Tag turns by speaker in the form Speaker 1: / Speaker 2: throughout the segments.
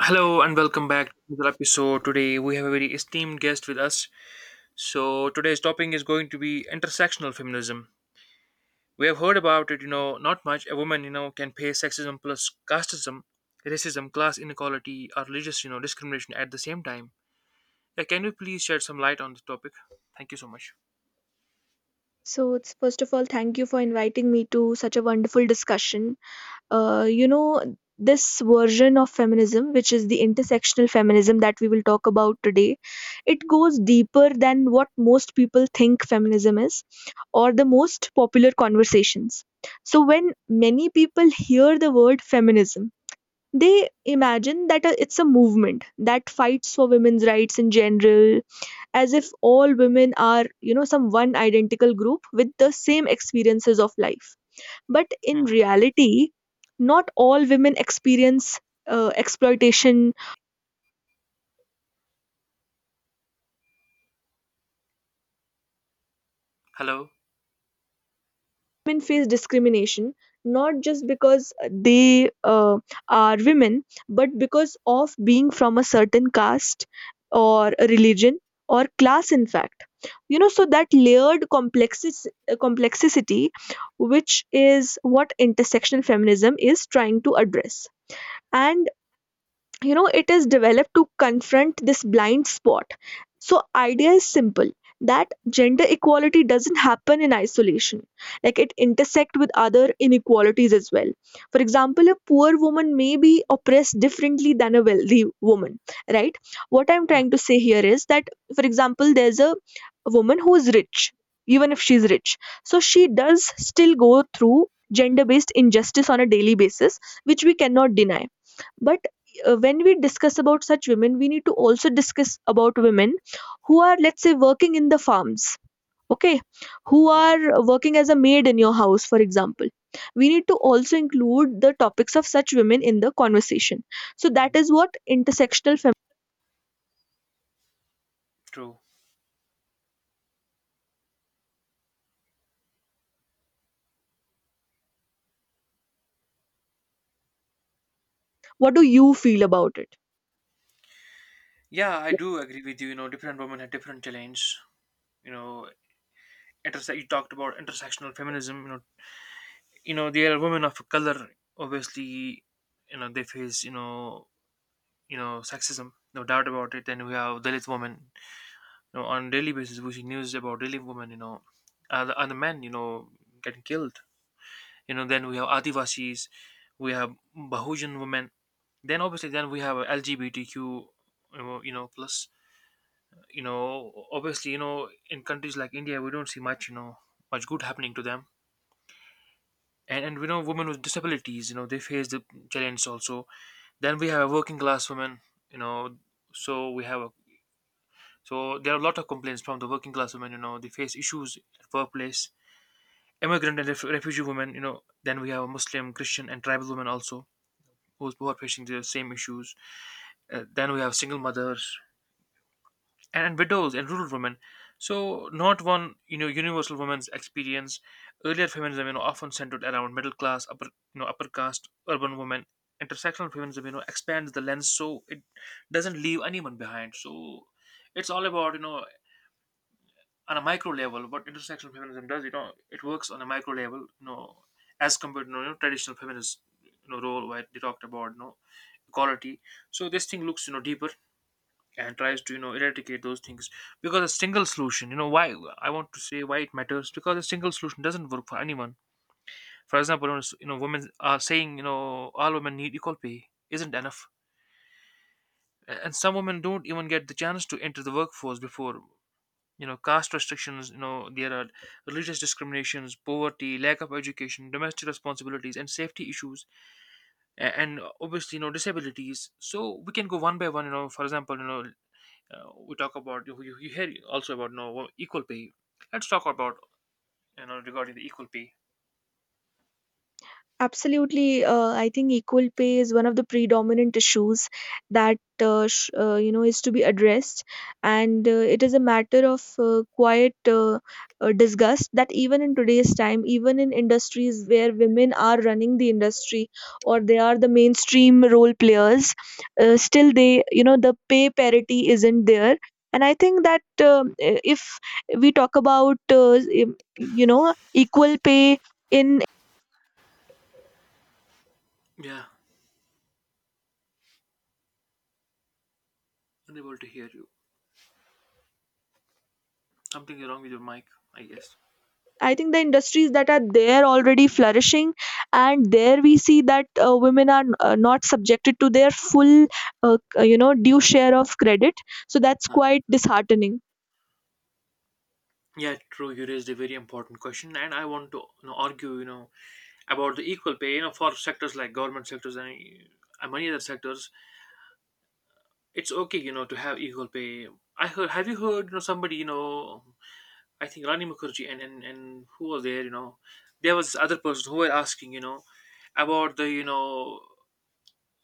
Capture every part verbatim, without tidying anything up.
Speaker 1: Hello and welcome back to another episode. Today we have a very esteemed guest with us. So today's topic is going to be intersectional feminism. We have heard about it, you know, not much. A woman, you know, can face sexism plus casteism, racism, class inequality, or religious, you know, discrimination at the same time. Yeah, can you please shed some light on the topic? Thank you so much.
Speaker 2: So, it's first of all, thank you for inviting me to such a wonderful discussion. Uh, you know, this version of feminism, which is the intersectional feminism that we will talk about today, it goes deeper than what most people think feminism is or the most popular conversations. So, when many people hear the word feminism, they imagine that uh, it's a movement that fights for women's rights in general as if all women are, you know, some one identical group with the same experiences of life. But in
Speaker 1: Hmm.
Speaker 2: reality, not all women experience uh, exploitation.
Speaker 1: Hello.
Speaker 2: Women face discrimination not just because they uh, are women, but because of being from a certain caste or a religion or class, in fact. You know, so that layered complexis- uh, complexity, which is what intersectional feminism is trying to address. And you know, it is developed to confront this blind spot. So idea is simple that gender equality doesn't happen in isolation, like it intersect with other inequalities as well. For example, a poor woman may be oppressed differently than a wealthy woman, right? What I'm trying to say here is that, for example, there's a woman who is rich. Even if she's rich, so she does still go through gender based injustice on a daily basis, which we cannot deny. But uh, when we discuss about such women, we need to also discuss about women who are, let's say, working in the farms, okay? Who are working as a maid in your house, for example. We need to also include the topics of such women in the conversation. So that is what intersectional feminism.
Speaker 1: True.
Speaker 2: What do you feel about it?
Speaker 1: Yeah, I do agree with you. You know, different women have different challenges. You know, interse- you talked about intersectional feminism. You know, you know they are women of color, obviously. You know they face, you know you know sexism, no doubt about it. And we have Dalit women. You know on daily basis we see news about Dalit women, you know other, other men, you know getting killed. You know then we have Adivasis. We have Bahujan women. Then obviously then we have L G B T Q, you know you know, plus. You know obviously, you know in countries like India, we don't see much, you know much good happening to them. And, and we know women with disabilities, you know they face the challenge also. Then we have a working class women. you know, so we have a so there are a lot of complaints from the working class women, you know, they face issues at workplace. Immigrant and ref- refugee women. You know, then we have a Muslim, Christian, and tribal women also who's, who are facing the same issues. Uh, then we have single mothers, and and widows and rural women. So not one, you know, universal women's experience. Earlier feminism, you know, often centered around middle class, upper, you know, upper caste, urban women. Intersectional feminism, you know, expands the lens so it doesn't leave anyone behind. So it's all about, you know, on a micro level, what intersectional feminism does. You know, it works on a micro level, you know, as compared to, you know, traditional feminist, you know, role where they talked about, you know, equality. So this thing looks, you know, deeper and tries to you know eradicate those things, because a single solution, you know why I want to say why it matters, because a single solution doesn't work for anyone. For example, you know s- you know, women are saying, you know all women need equal pay isn't enough. A- and some women don't even get the chance to enter the workforce before. You know caste restrictions, you know there are religious discriminations, poverty, lack of education, domestic responsibilities, and safety issues. A- and obviously, you know disabilities. So we can go one by one, you know for example, you know uh, we talk about you, you, you hear also about, no, equal pay. Let's talk about, you know regarding the equal pay.
Speaker 2: Absolutely. uh, I think equal pay is one of the predominant issues that uh, sh- uh, you know, is to be addressed. And uh, it is a matter of uh, quiet uh, uh, disgust that even in today's time, even in industries where women are running the industry or they are the mainstream role players, uh, still they, you know, the pay parity isn't there. And I think that, um, if we talk about uh, you know, equal pay in,
Speaker 1: Yeah, unable to hear you. Something wrong with your mic, I guess.
Speaker 2: I think the industries that are there already flourishing, and there we see that uh, women are uh, not subjected to their full, uh, you know, due share of credit. So that's
Speaker 1: Huh.
Speaker 2: quite disheartening.
Speaker 1: Yeah, true. You raised a very important question and I want to, you know, argue, you know about the equal pay, you know for sectors like government sectors and, uh, many other sectors, it's okay, you know to have equal pay. I heard Have you heard, you know somebody, you know I think Rani Mukherjee and and, and who was there, you know there was this other person who were asking, you know about the, you know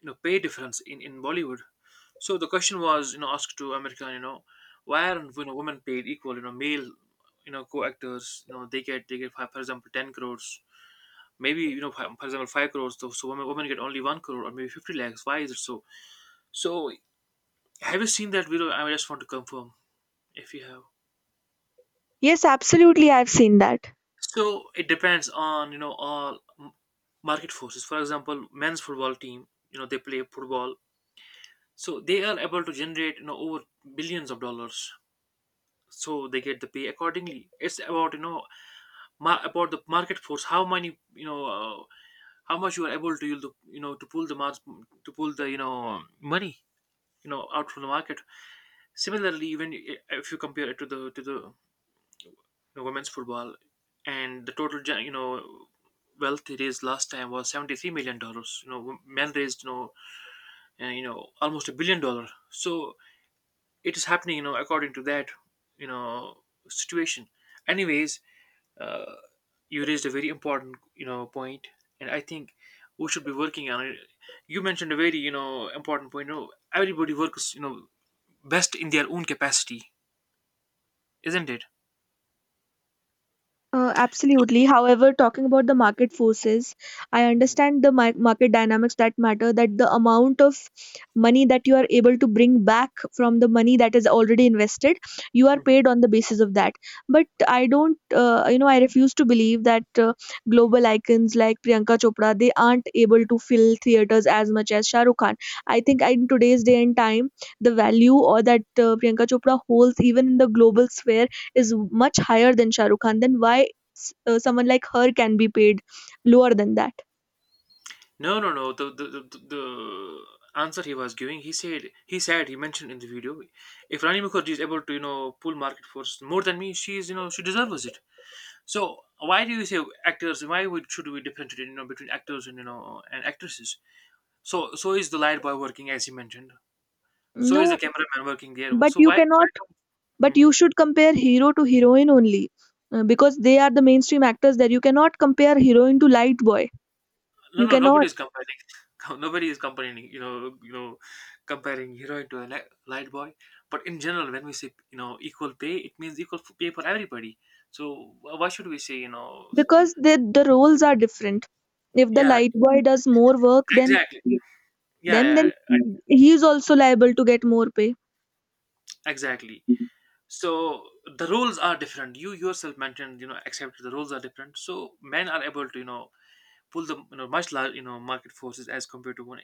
Speaker 1: you know pay difference in in Bollywood. So the question was, you know asked to American, you know why aren't, you know women paid equal, you know male, you know co-actors, you know they get, they get for example ten crores, maybe, you know for for example five crores, so so women women get only one crore or maybe fifty lakhs. Why is it so? So have you seen that video? I just want to confirm if you have.
Speaker 2: Yes, absolutely, I've seen that.
Speaker 1: So it depends on, you know all m- market forces. For example, men's football team, you know, they play football, so they are able to generate, you know over billions of dollars, so they get the pay accordingly. It's about, you know ma- about the market force. How many you know uh, how much you are able to yield, the- you know to pull the mar- to pull the, you know money, you know out from the market. Similarly, even, i- if you compare it to the, to the you know, women's football, and the total, gen- you know wealth, it is, last time was seventy-three million dollars, you know men raised, you know uh, you know almost a billion dollar. So it is happening, you know according to that, you know situation, anyways. uh, you raised a very important, you know point, and I think we should be working on it. You mentioned a very, you know important point, you know everybody works, you know best in their own capacity, isn't it?
Speaker 2: Uh,
Speaker 1: So,
Speaker 2: absolutely. However, talking about the market forces, I
Speaker 1: mhm,
Speaker 2: understand the mar- market dynamics that matter, that the amount of money that you are able to bring back from the money that is already invested, you are
Speaker 1: mhm.
Speaker 2: paid on the basis of that. But I don't, uh, you know, I refuse to believe that uh, global icons like Priyanka Chopra, they aren't able to fill theaters as much as Shah Rukh Khan. I think in today's day and time, the value or that uh, Priyanka Chopra holds even in the global sphere is much higher than Shah Rukh Khan, then why s- uh, someone like her can be paid lower than that?
Speaker 1: No, no, no, the the, the the answer he was giving, he said he said he mentioned in the video: if Rani Mukherjee is able to, you know pull market force more than me, she is, you know she deserves it. So why do you say actors? Why would should we differentiate, you know between actors and, you know and actresses? So so is the light boy working as you mentioned. So is
Speaker 2: No,
Speaker 1: the cameraman working there.
Speaker 2: but
Speaker 1: So
Speaker 2: you
Speaker 1: why why
Speaker 2: cannot.
Speaker 1: come?
Speaker 2: But
Speaker 1: Mhm.
Speaker 2: you should compare hero to heroine only, uh, because they are the mainstream actors. There you cannot compare heroine to light boy.
Speaker 1: No
Speaker 2: You
Speaker 1: no nobody
Speaker 2: cannot
Speaker 1: is comparing. Nobody is comparing. You know you know Comparing heroine to a li- light boy. But in general, when we say, you know equal pay, it means equal, f- pay for everybody. So wh- why should we say, you know? s-
Speaker 2: because the the roles are different. If the
Speaker 1: Yeah,
Speaker 2: light boy does more work than
Speaker 1: exactly. Yeah,
Speaker 2: them,
Speaker 1: yeah,
Speaker 2: then he is also liable to get more pay.
Speaker 1: exactly. So the roles are different. You yourself mentioned, you know accept the roles are different. So men are able to, you know pull the, you know much larger, you know market forces as compared to one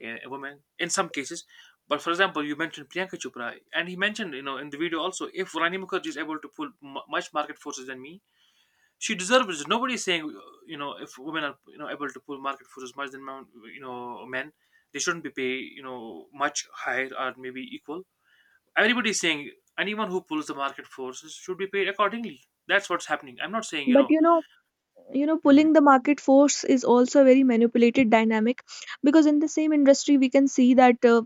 Speaker 1: a, a woman in some cases. But for example, you mentioned Priyanka Chopra, and he mentioned, you know in the video also, if Rani Mukherjee is able to pull, mu much market forces than me, she deserves it. Nobody is saying, you know if women are, you know able to pull market forces much than, mon- you know men, they shouldn't be paid, you know much higher or maybe equal. Everybody is saying anyone who pulls the market forces should be paid accordingly. That's what's happening. I'm not saying you
Speaker 2: But
Speaker 1: know.
Speaker 2: you know, you know,
Speaker 1: Hmm.
Speaker 2: pulling the market force is also a very manipulated dynamic because in the same industry we can see that uh,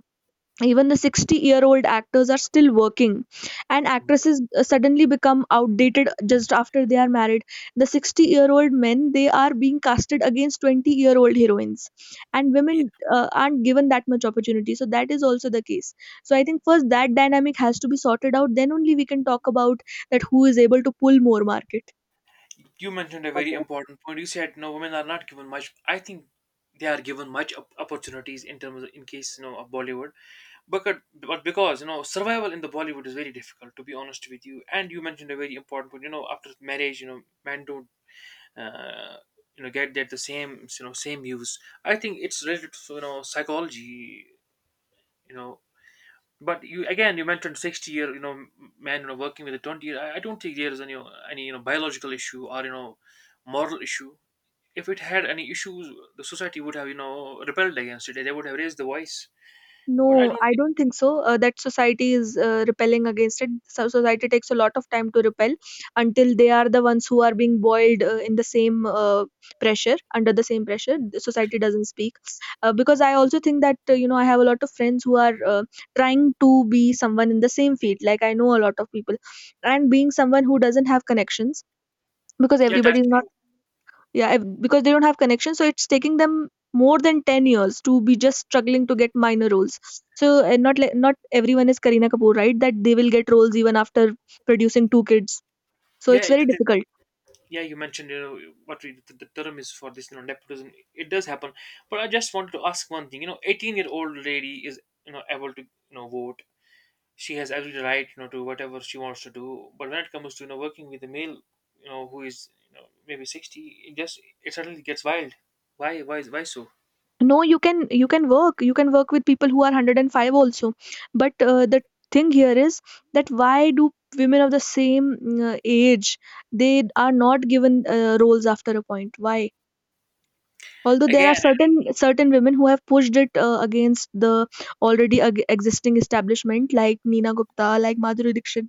Speaker 2: even the sixty year old actors are still working, and
Speaker 1: Mhm.
Speaker 2: actresses uh, suddenly become outdated just after they are married. The sixty year old men, they are being casted against twenty year old heroines, and women uh, aren't given that much opportunity, so that is also the case. So I think first that dynamic has to be sorted out, then only we can talk about that who is able to pull more market.
Speaker 1: You mentioned a very important point. You said no, women are not given much. I think they are given much op- opportunities in terms of, in case, you know of Bollywood, but but because, you know survival in the Bollywood is very difficult. To be honest with you, and you mentioned a very important point. You know, after marriage, you know, men don't. Uh, you know, get that the same, you know same use. I think it's related to, you know psychology. You know, but you again you mentioned sixty year, you know m- man, you know working with a twenty year. I, I don't think there is any any you know biological issue, or, you know moral issue. If it had any issues, the society would have, you know, rebelled against it. They would have raised the voice. But I
Speaker 2: No,
Speaker 1: don't
Speaker 2: I
Speaker 1: think,
Speaker 2: don't think so. Uh, that society is uh, repelling against it. So society takes a lot of time to repel until they are the ones who are being boiled uh, in the same uh, pressure, under the same pressure. The society doesn't speak. Uh, because I also think that, uh, you know, I have a lot of friends who are uh, trying to be someone in the same field. Like I know a lot of people. And being someone who doesn't have connections, because
Speaker 1: yeah, that's
Speaker 2: everybody is not,
Speaker 1: true.
Speaker 2: yeah, if, because they don't have connections, so it's taking them more than ten years to be just struggling to get minor roles. So, and not like not everyone is Kareena Kapoor, right? That they will get roles even after producing two kids. So
Speaker 1: Yeah,
Speaker 2: it's
Speaker 1: it-
Speaker 2: very difficult.
Speaker 1: it- yeah, you mentioned, you know, what we, the, the term is for this, you know, nepotism. It does happen. But I just wanted to ask one thing. You know, eighteen-year-old lady is, you know, able to, you know, vote. She has every right, you know, to whatever she wants to do. But when it comes to, you know, working with a male, you know, who is, you know, maybe sixty, it just, it suddenly gets wild. Why, why, why so?
Speaker 2: No, you can, you can work. You can work with people who are one hundred five also. But uh, the thing here is that why do women of the same uh, age, they are not given uh, roles after a point? Why? Although there are
Speaker 1: Again,
Speaker 2: certain certain women who have pushed it uh, against the already ag- existing establishment, like Nina Gupta, like Madhuri Dixit.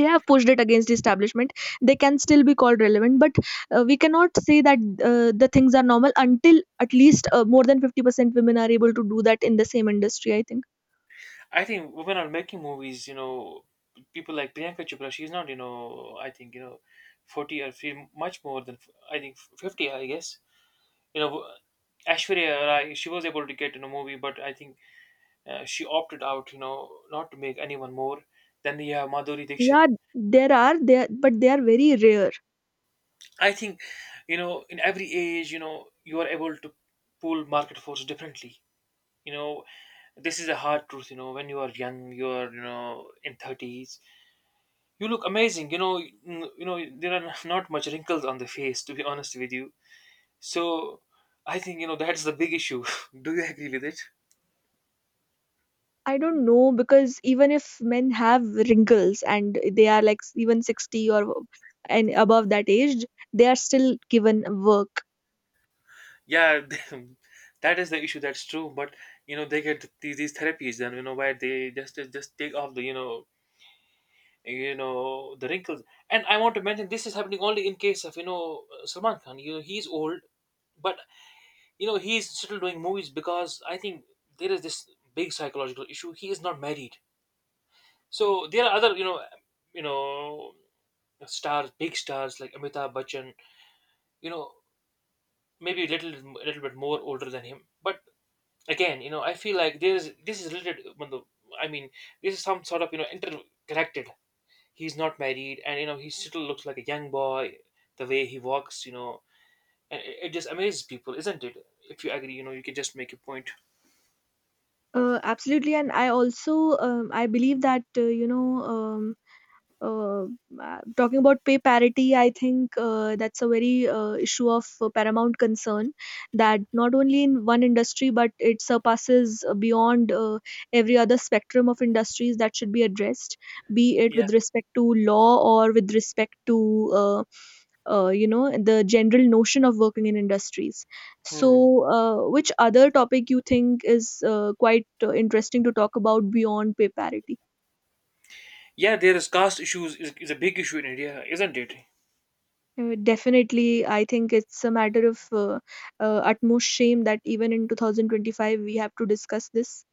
Speaker 2: They have pushed it against the establishment, they can still be called relevant. But uh, we cannot say that uh, the things are normal until at least uh, more than fifty percent women are able to do that in the same industry, I think.
Speaker 1: I think women are making movies, you know, people like Priyanka Chopra, she's not, you know, I think, you know, forty or feel much more than, I think, fifty, I guess. You know, Ashwarya Rai, she was able to get in a movie, but I think, uh, she opted out, you know, not to make anyone more. Then you have Madhuri Dixit.
Speaker 2: Yeah, there are there, but they are very rare.
Speaker 1: I think, you know, in every age, you know, you are able to pull market force differently. You know, this is a hard truth, you know when you are young, you are, you know in thirties. You look amazing. You know, mm, you know there are not much wrinkles on the face, to be honest with you. So, I think, you know that's the big issue. Do you agree with it?
Speaker 2: I don't know, because even if men have wrinkles and they are like even sixty or and above that age, they are still given work.
Speaker 1: Yeah, that is the issue. That's true. But, you know, they get these, these therapies, then, you know where they just just just take off the, you know you know the wrinkles. And I want to mention this is happening only in case of, you know Salman Khan. You know, he's old, but you know he's still doing movies because I think there is this big psychological issue. He is not married. So there are other, you know, you know, stars, big stars like Amitabh Bachchan, you know, maybe a little, little bit more older than him. But again, you know, I feel like there is this is related. when I mean, this is some sort of you know interconnected. He's not married, and you know, he still looks like a young boy. The way he walks, you know, and it, it just amazes people, isn't it? If you agree, you know, you can just make a point.
Speaker 2: Uh, absolutely, and I also um, I believe that uh, you know, um, uh, uh, talking about pay parity, I think uh, that's a very uh, issue of uh, paramount concern that not only in one industry but it surpasses uh, beyond uh, every other spectrum of industries that should be addressed, be it
Speaker 1: Yeah.
Speaker 2: with respect to law or with respect to uh, uh, you know, the general notion of working in industries. So,
Speaker 1: Hmm.
Speaker 2: uh, which other topic you think is uh, quite uh, interesting to talk about beyond pay parity?
Speaker 1: Yeah, there is caste issues is, is a big issue in India, isn't it?
Speaker 2: Uh, definitely, I think it's a matter of uh, uh, utmost shame that even in two thousand twenty-five we have to discuss this.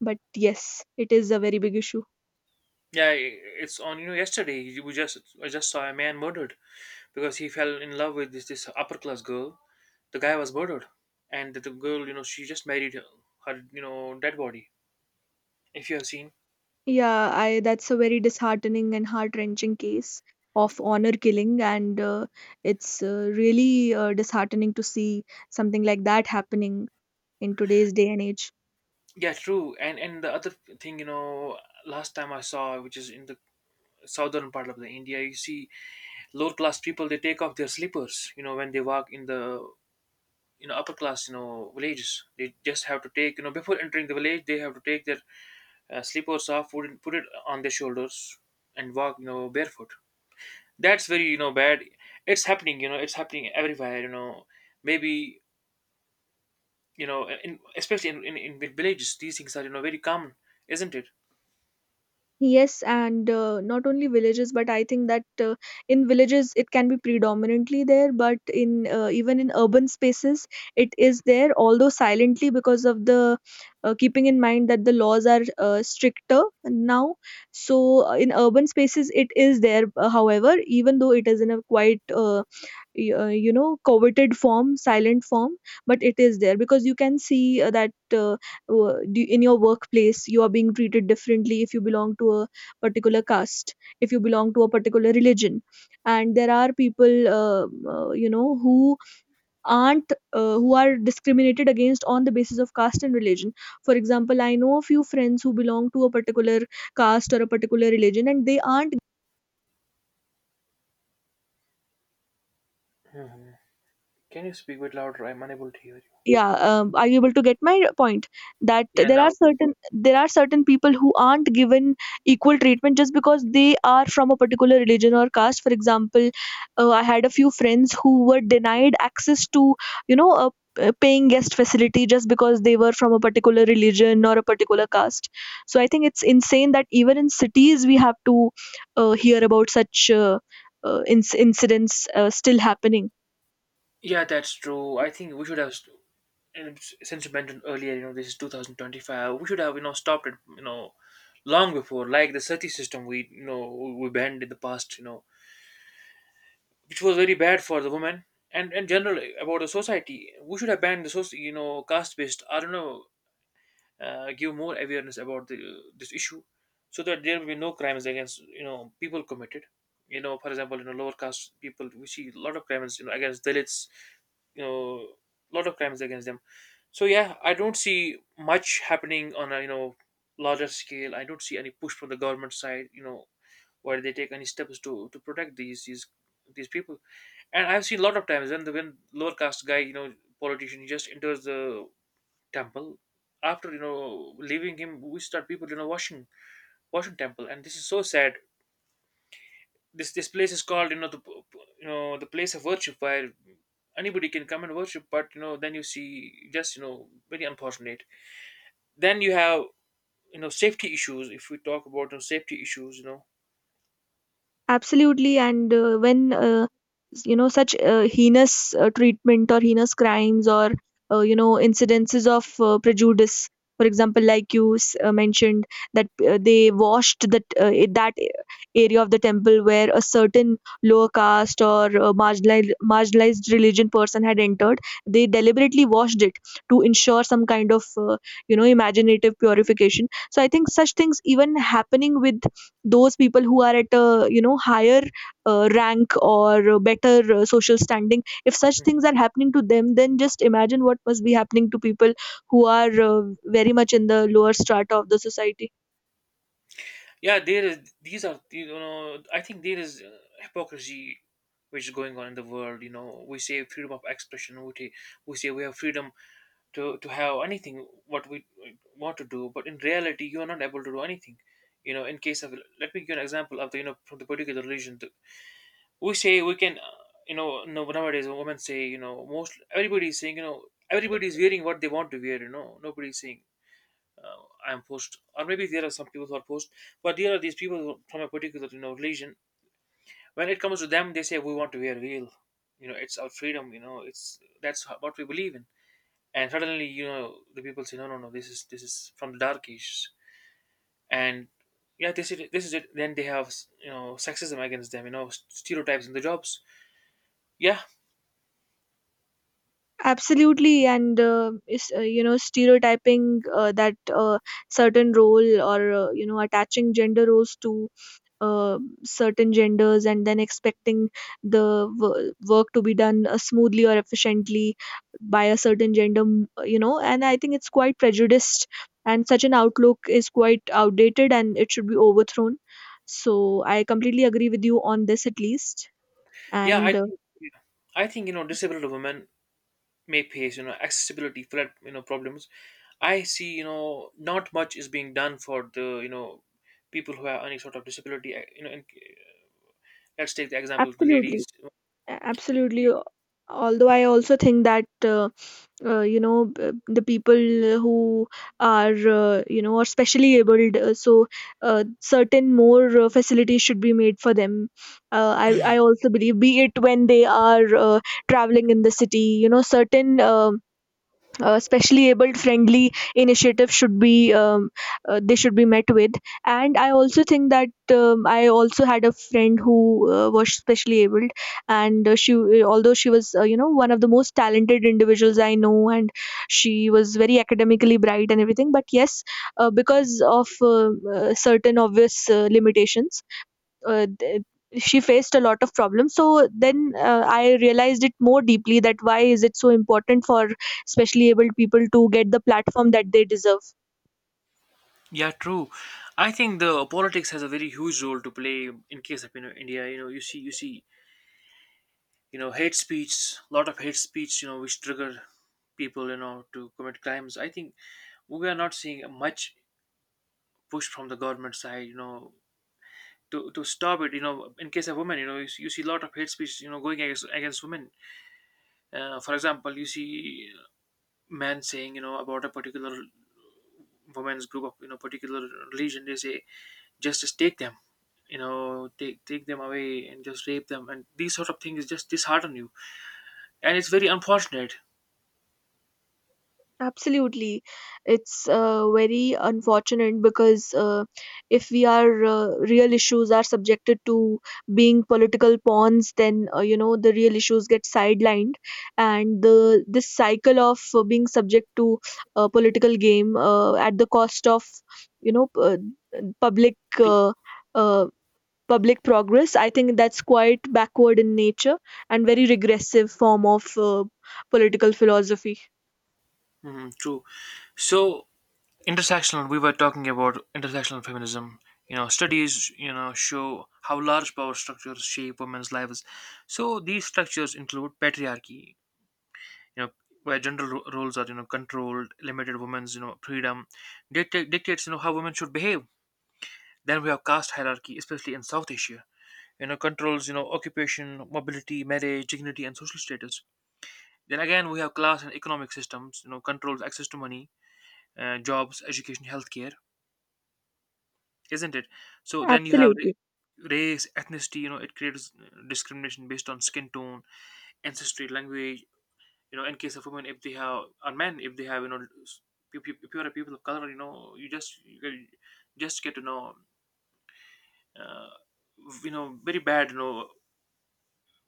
Speaker 2: But yes, it is a very big issue.
Speaker 1: Yeah, i- it's on. You know, yesterday we just I just saw a man murdered because he fell in love with this this upper class girl. The guy was murdered, and the, the girl, you know, she just married her, you know, dead body. If you have seen,
Speaker 2: Yeah, I that's a very disheartening and heart-wrenching case of honor killing, and uh, it's uh, really uh, disheartening to see something like that happening in today's day and age.
Speaker 1: yeah, true. And and the other thing, you know, last time I saw, which is in the southern part of the India, you see lower class people they take off their slippers. You know, when they walk in the you know upper class you know villages, they just have to take you know before entering the village they have to take their uh, slip or scarf, put it, put it on their shoulders and walk, you know, barefoot. That's very, you know, bad. It's happening, you know, it's happening everywhere, you know. Maybe, you know, uh, in, especially in, in, in the villages, these things are, you know, very common, isn't it?
Speaker 2: Yes, and uh, not only villages, but I think that uh, in villages it can be predominantly there, but in uh, even in urban spaces it is there, although silently because of the uh, keeping in mind that the laws are uh, stricter now. So uh, in urban spaces it is there, uh, however, even though it is in a quiet uh, y- uh, you know, coveted form, silent form, but it is there because you can see uh, that uh, uh, d- in your workplace you are being treated differently if you belong to a particular caste, if you belong to a particular religion. And there are people uh, uh, you know, who aren't, uh, who are discriminated against on the basis of caste and religion. For example, I know a few friends who belong to a particular caste or a particular religion and they aren't,
Speaker 1: Mhm. Can you speak a bit louder? I'm unable to hear you.
Speaker 2: yeah. Um, are you able to get my point that
Speaker 1: Yeah,
Speaker 2: there are
Speaker 1: now.
Speaker 2: certain there are certain people who aren't given equal treatment just because they are from a particular religion or caste? For example, uh, I had a few friends who were denied access to, you know, a a paying guest facility just because they were from a particular religion or a particular caste. So I think it's insane that even in cities we have to uh, hear about such uh, uh, inc- incidents uh, still happening.
Speaker 1: Yeah, that's true. I think we should have, st- and s- since you mentioned earlier, you know, this is two thousand twenty-five, we should have, you know, stopped it, you know, long before, like the SETI system we, you know, we banned in the past, you know, which was very bad for the woman and and generally about the society. We should have banned the soci- you know caste based. I don't know, uh, give more awareness about the this issue, so that there will be no crimes against you know people committed. You know, for example, you know lower caste people. We see a lot of crimes you know against Dalits. You know, lot of crimes against them. So yeah, I don't see much happening on a you know larger scale. I don't see any push from the government side. You know, where they take any steps to to protect these these these people and I've seen a lot of times when the when lower caste guy, you know, politician, he just enters the temple. After you know leaving him, we start people you know washing washing temple, and this is so sad. This this place is called you know the p- p- you know the place of worship where anybody can come and worship, but you know then you see just you know very unfortunate. Then you have you know safety issues. If we talk about you know, safety issues, you
Speaker 2: Absolutely, and uh, when uh, s- you know, such uh, heinous uh, treatment or heinous crimes or uh, you know, incidences of uh, prejudice, for example, like you s- uh, mentioned that uh, they washed that uh, i- that area of the temple where a certain lower caste or uh, marginalized marginalized religion person had entered, they deliberately washed it to ensure some kind of uh, you know, imaginative purification. So I think such things even happening with those people who are at a you know higher uh, rank or better uh, social standing, if such
Speaker 1: know.
Speaker 2: things are happening to them, then just imagine what must be happening to people who are uh, very much in the lower strata of the society.
Speaker 1: Yeah, there is these are you know I think there is uh, hypocrisy which is going on in the world. You know, we say freedom of expression. We, ta- we say we have freedom to, to have anything what we want to do, but in reality you are not able to do anything, you know, in case of let me give you an example of the you know from the particular religion. The, we say we can uh, you know no- nowadays women say you know most everybody is saying you know everybody is wearing what they want to wear. You know, nobody is saying uh, I'm post, or maybe there are some people who are post, but there are these people who, from a particular you know religion. When it comes to them, they say we want to wear real, you know, it's our freedom, you know, it's that's ho- what we believe in. And suddenly, you know, the people say no, no, no, this is this is from the dark ages, and yeah, this is this is it. Then they have you know sexism against them, you know, stereotypes in the jobs. Yeah,
Speaker 2: Absolutely, and uh, is, uh, you know stereotyping uh, that uh, certain role or uh, you know attaching gender roles to uh, certain genders and then expecting the w- work to be done uh, smoothly or efficiently by a certain gender m- you know and I think it's quite prejudiced, and such an outlook is quite outdated and it should be overthrown. So I completely agree with you on this at least.
Speaker 1: yeah, I
Speaker 2: And uh,
Speaker 1: think yeah, I think you know disabled women make face you know accessibility flood you know problems. I see you know not much is being done for the you know people who have any sort of disability, uh, you know, and uh, let's take the example of the
Speaker 2: absolutely,
Speaker 1: ladies.
Speaker 2: a- absolutely. Although I also think that uh, uh, you know b- the people who are uh, you know are specially abled, uh, so uh, certain more uh, facilities should be made for them. Uh, i i also believe, be it when they are uh, traveling in the city, you know certain um uh, specially abled friendly initiatives should be um, uh, they should be met with. And I also think that, um, I also had a friend who uh, was specially abled, and uh, she, although she was uh, you know one of the most talented individuals I know, and she was very academically bright and everything, but yes, uh, because of uh, uh, certain obvious uh, limitations, uh, th- she faced a lot of problems. So then uh, I realized it more deeply that why is it so important for especially able people to get the platform that they deserve.
Speaker 1: Yeah, true. I think the politics has a very huge role to play in case of you know India. You know, you see you see you know hate speech, a lot of hate speech, you know, which trigger people you know to commit crimes. I think we are not seeing much push from the government side, you know, to to stop it, you know, in case of women. You know, you, see- you see a lot of hate speech you know going against against women. Uh, for example, you see men saying you know about a particular women's group of you know particular religion. They say just, just take them, you know, take take them away and just rape them, and these sort of things just dishearten you, and it's very unfortunate.
Speaker 2: Absolutely. It's uh, very unfortunate because uh, if we are uh, real issues are subjected to being political pawns, then uh, you know the real issues get sidelined, and the this cycle of uh, being subject to a political game uh, at the cost of you know p- uh, public
Speaker 1: Pe-
Speaker 2: uh, uh, public progress. I think that's quite backward in nature and very regressive form of uh, political philosophy.
Speaker 1: Mhm, true. So intersectional, we were talking about intersectional feminism. You know, studies you know show how large power structures shape women's lives. So these structures include patriarchy, you know, where gender ro- roles are you know controlled limited women's you know freedom, dictate, dictates you know how women should behave. Then we have caste hierarchy, especially in South Asia. You know, controls you know occupation mobility marriage dignity and social status. Then again we have class and economic systems, you know, controls access to money, uh, jobs, education, healthcare, isn't it? So then you have
Speaker 2: Absolutely.
Speaker 1: ra- race, ethnicity, you know, it creates uh, discrimination based on skin tone, ancestry, language, you know, in case of women, if they have, or men, if they have, you know, s- if you if you are a people of color, you know, you just, you can- just get to know, uh, you know, very bad, you know,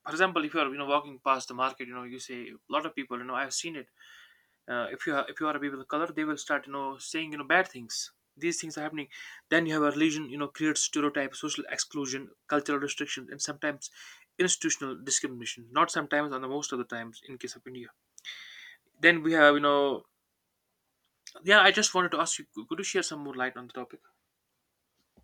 Speaker 1: for example, if you are, you know, walking past the market, you know, you say, a lot of people, you know, I've seen it, uh, if you are if you are a people of color, they will start you know saying you know bad things. These things are happening. Then you have a religion, you know, creates stereotypes, social exclusion, cultural restrictions, and sometimes institutional discrimination, not sometimes on the most of the times in case of India. Then we have you know yeah, I just wanted to ask you could you share some more light on the topic.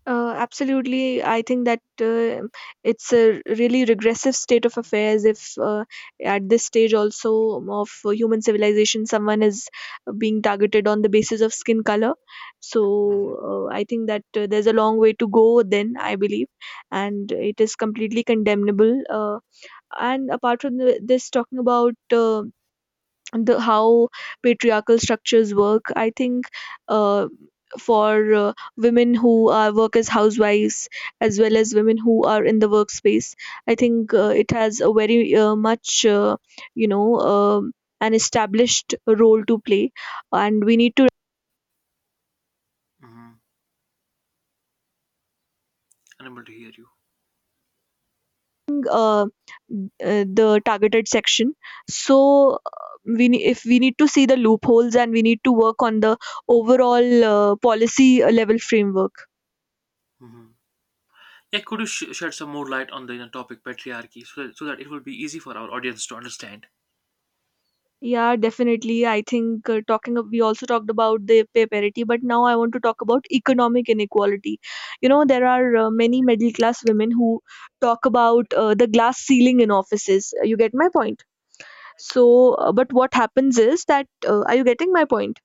Speaker 2: Uh, absolutely, I think that uh, it's a really regressive state of affairs if uh, at this stage also of human civilization someone is being targeted on the basis of skin color. So
Speaker 1: Mhm.
Speaker 2: uh, I think that uh, there's a long way to go then, I believe, and it is completely condemnable. Uh, and apart from the, this, talking about uh, the how patriarchal structures work, I think uh, for uh, women who are work as housewives as well as women who are in the workspace, I think uh, it has a very uh, much uh, you know um an established role to play, and we need to
Speaker 1: Mm-hmm. Unable to hear you.
Speaker 2: uh, uh, the targeted section. So uh, we ne- if we need to see the loopholes and we need to work on the overall uh, policy uh, level framework.
Speaker 1: Hmm. Yeah, could you sh- shed some more light on the you know, topic patriarchy so that, so that it will be easy for our audience to understand.
Speaker 2: Yeah, definitely. I think uh, talking of, we also talked about the pay parity, but now I want to talk about economic inequality. You know, there are uh, many middle class women who talk about uh, the glass ceiling in offices. You get my point. So, uh, but what happens is that uh, are you getting my point?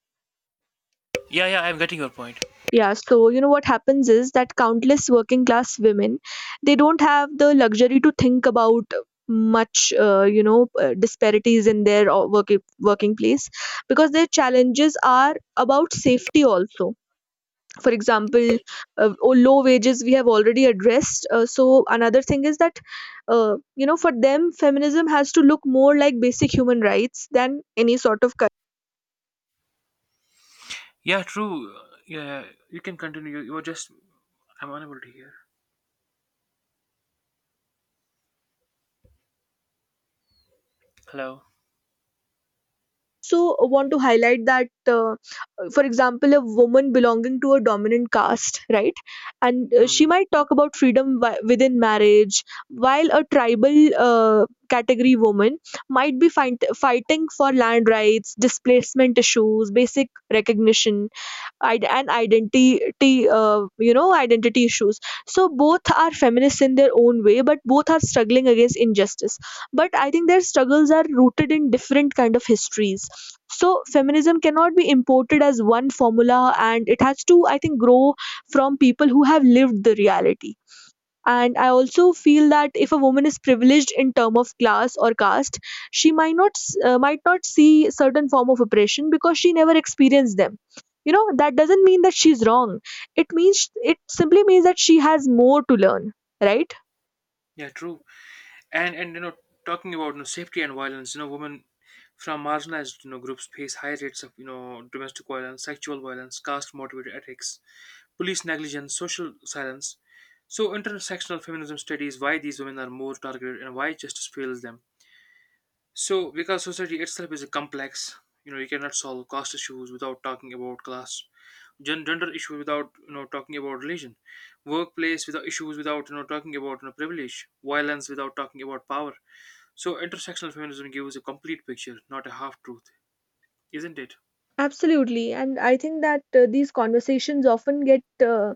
Speaker 1: Yeah, yeah, I'm getting your point.
Speaker 2: Yeah, so you know what happens is that countless working class women, they don't have the luxury to think about much, uh, you know, uh, disparities in their uh, working working place, because their challenges are about safety also. For example, uh, oh, low wages we have already addressed. Uh, so another thing is that, uh, you know, for them, feminism has to look more like basic human rights than any sort of.
Speaker 1: Yeah, true. Uh, Yeah, yeah, you can continue. You, you were just I'm unable to hear. Hello.
Speaker 2: Also want to highlight that uh, for example, a woman belonging to a dominant caste, right? And uh, she
Speaker 1: Mm.
Speaker 2: might talk about freedom wi- within marriage, while a tribal uh, category woman might be fight- fighting for land rights, displacement issues, basic recognition, id- and identity uh, you know identity issues. So both are feminists in their own way, but both are struggling against injustice. But I think their struggles are rooted in different kind of histories. So feminism cannot be imported as one formula, and it has to, I think, grow from people who have lived the reality. And I also feel that if a woman is privileged in term of class or caste, she might not s- uh, might not see certain form of oppression because she never experienced them. You know, that doesn't mean that she's wrong. It means, it simply means that she has more to learn, right?
Speaker 1: Yeah, true. And and you know, talking about you know, safety and violence, you know, women from marginalized you know groups face high rates of you know domestic violence, sexual violence, caste motivated attacks, police negligence, social silence. So intersectional feminism studies why these women are more targeted and why justice fails them. So, because society itself is a complex, you know, you cannot solve caste issues without talking about class, gen- gender issues without you know talking about religion, workplace without issues without you know talking about you know, privilege, violence without talking about power. So, intersectional feminism gives a complete picture, not a half truth, isn't it?
Speaker 2: Absolutely. And I think that uh, these conversations often get uh,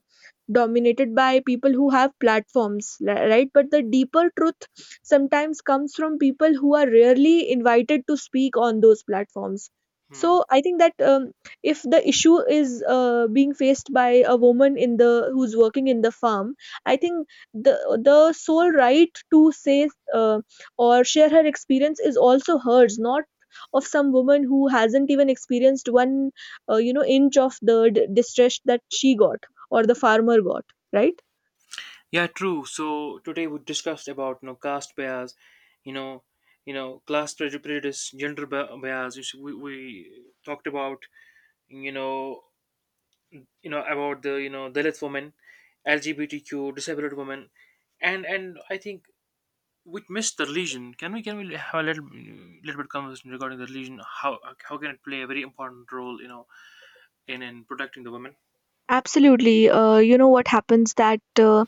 Speaker 2: dominated by people who have platforms, li- right? But the deeper truth sometimes comes from people who are rarely invited to speak on those platforms.
Speaker 1: Hmm.
Speaker 2: So I think that um, if the issue is uh, being faced by a woman in the who's working in the farm, I think the the sole right to say uh, or share her experience is also hers, not of some woman who hasn't even experienced one uh, you know inch of the d- distress that she got or the farmer got, right?
Speaker 1: Yeah, true. So today we discussed about you know caste bias, you know, you know class preju- prejudice, gender bi- bias. You see, We we talked about you know you know about the you know Dalit women, L G B T Q disabled women, and and I think we missed the religion. Can we can we have a little little bit conversation regarding the religion? How how can it play a very important role you know in in protecting the women?
Speaker 2: Absolutely. Uh, you know what happens that uh,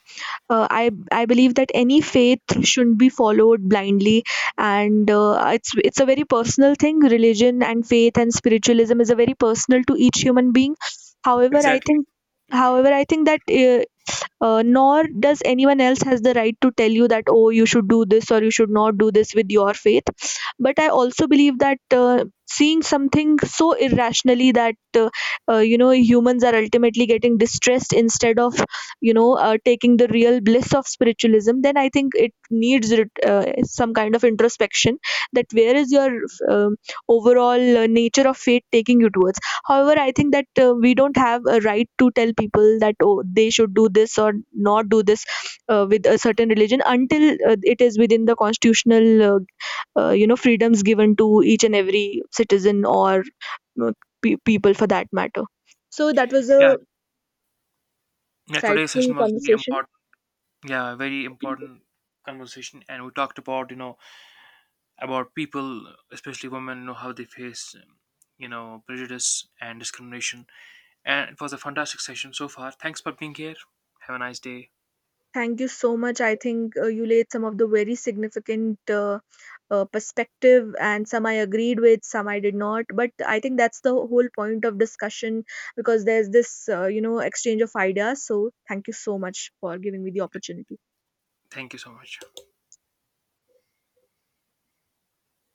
Speaker 2: uh, I I believe that any faith shouldn't be followed blindly, and uh, it's it's a very personal thing. Religion and faith and spiritualism is a very personal to each human being. However, I
Speaker 1: Exactly.
Speaker 2: think, however, I think that uh, uh, nor does anyone else has the right to tell you that oh you should do this or you should not do this with your faith. But I also believe that uh, seeing something so irrationally that uh, uh, you know humans are ultimately getting distressed instead of you know uh, taking the real bliss of spiritualism, then I think it needs uh, some kind of introspection, that where is your um overall uh, nature of faith taking you towards. However, I think that uh, we don't have a right to tell people that oh they should do this or not do this uh, with a certain religion, until uh, it is within the constitutional uh, uh, you know freedoms given to each and every citizen or uh, pe- people for that matter. So that was a
Speaker 1: Yeah. Yeah. Today's
Speaker 2: insightful
Speaker 1: session was very
Speaker 2: conversation.
Speaker 1: important. Yeah, very important conversation, and we talked about you know about people, especially women, you know how they face um, you know prejudice and discrimination. And it was a fantastic session so far. Thanks for being here. Have a nice day.
Speaker 2: Thank you so much. I think uh, you laid some of the very significant uh, uh, perspective, and some I agreed with, some I did not, but I think that's the whole point of discussion, because there's this uh, you know exchange of ideas. So thank you so much for giving me the opportunity.
Speaker 1: Thank you so much.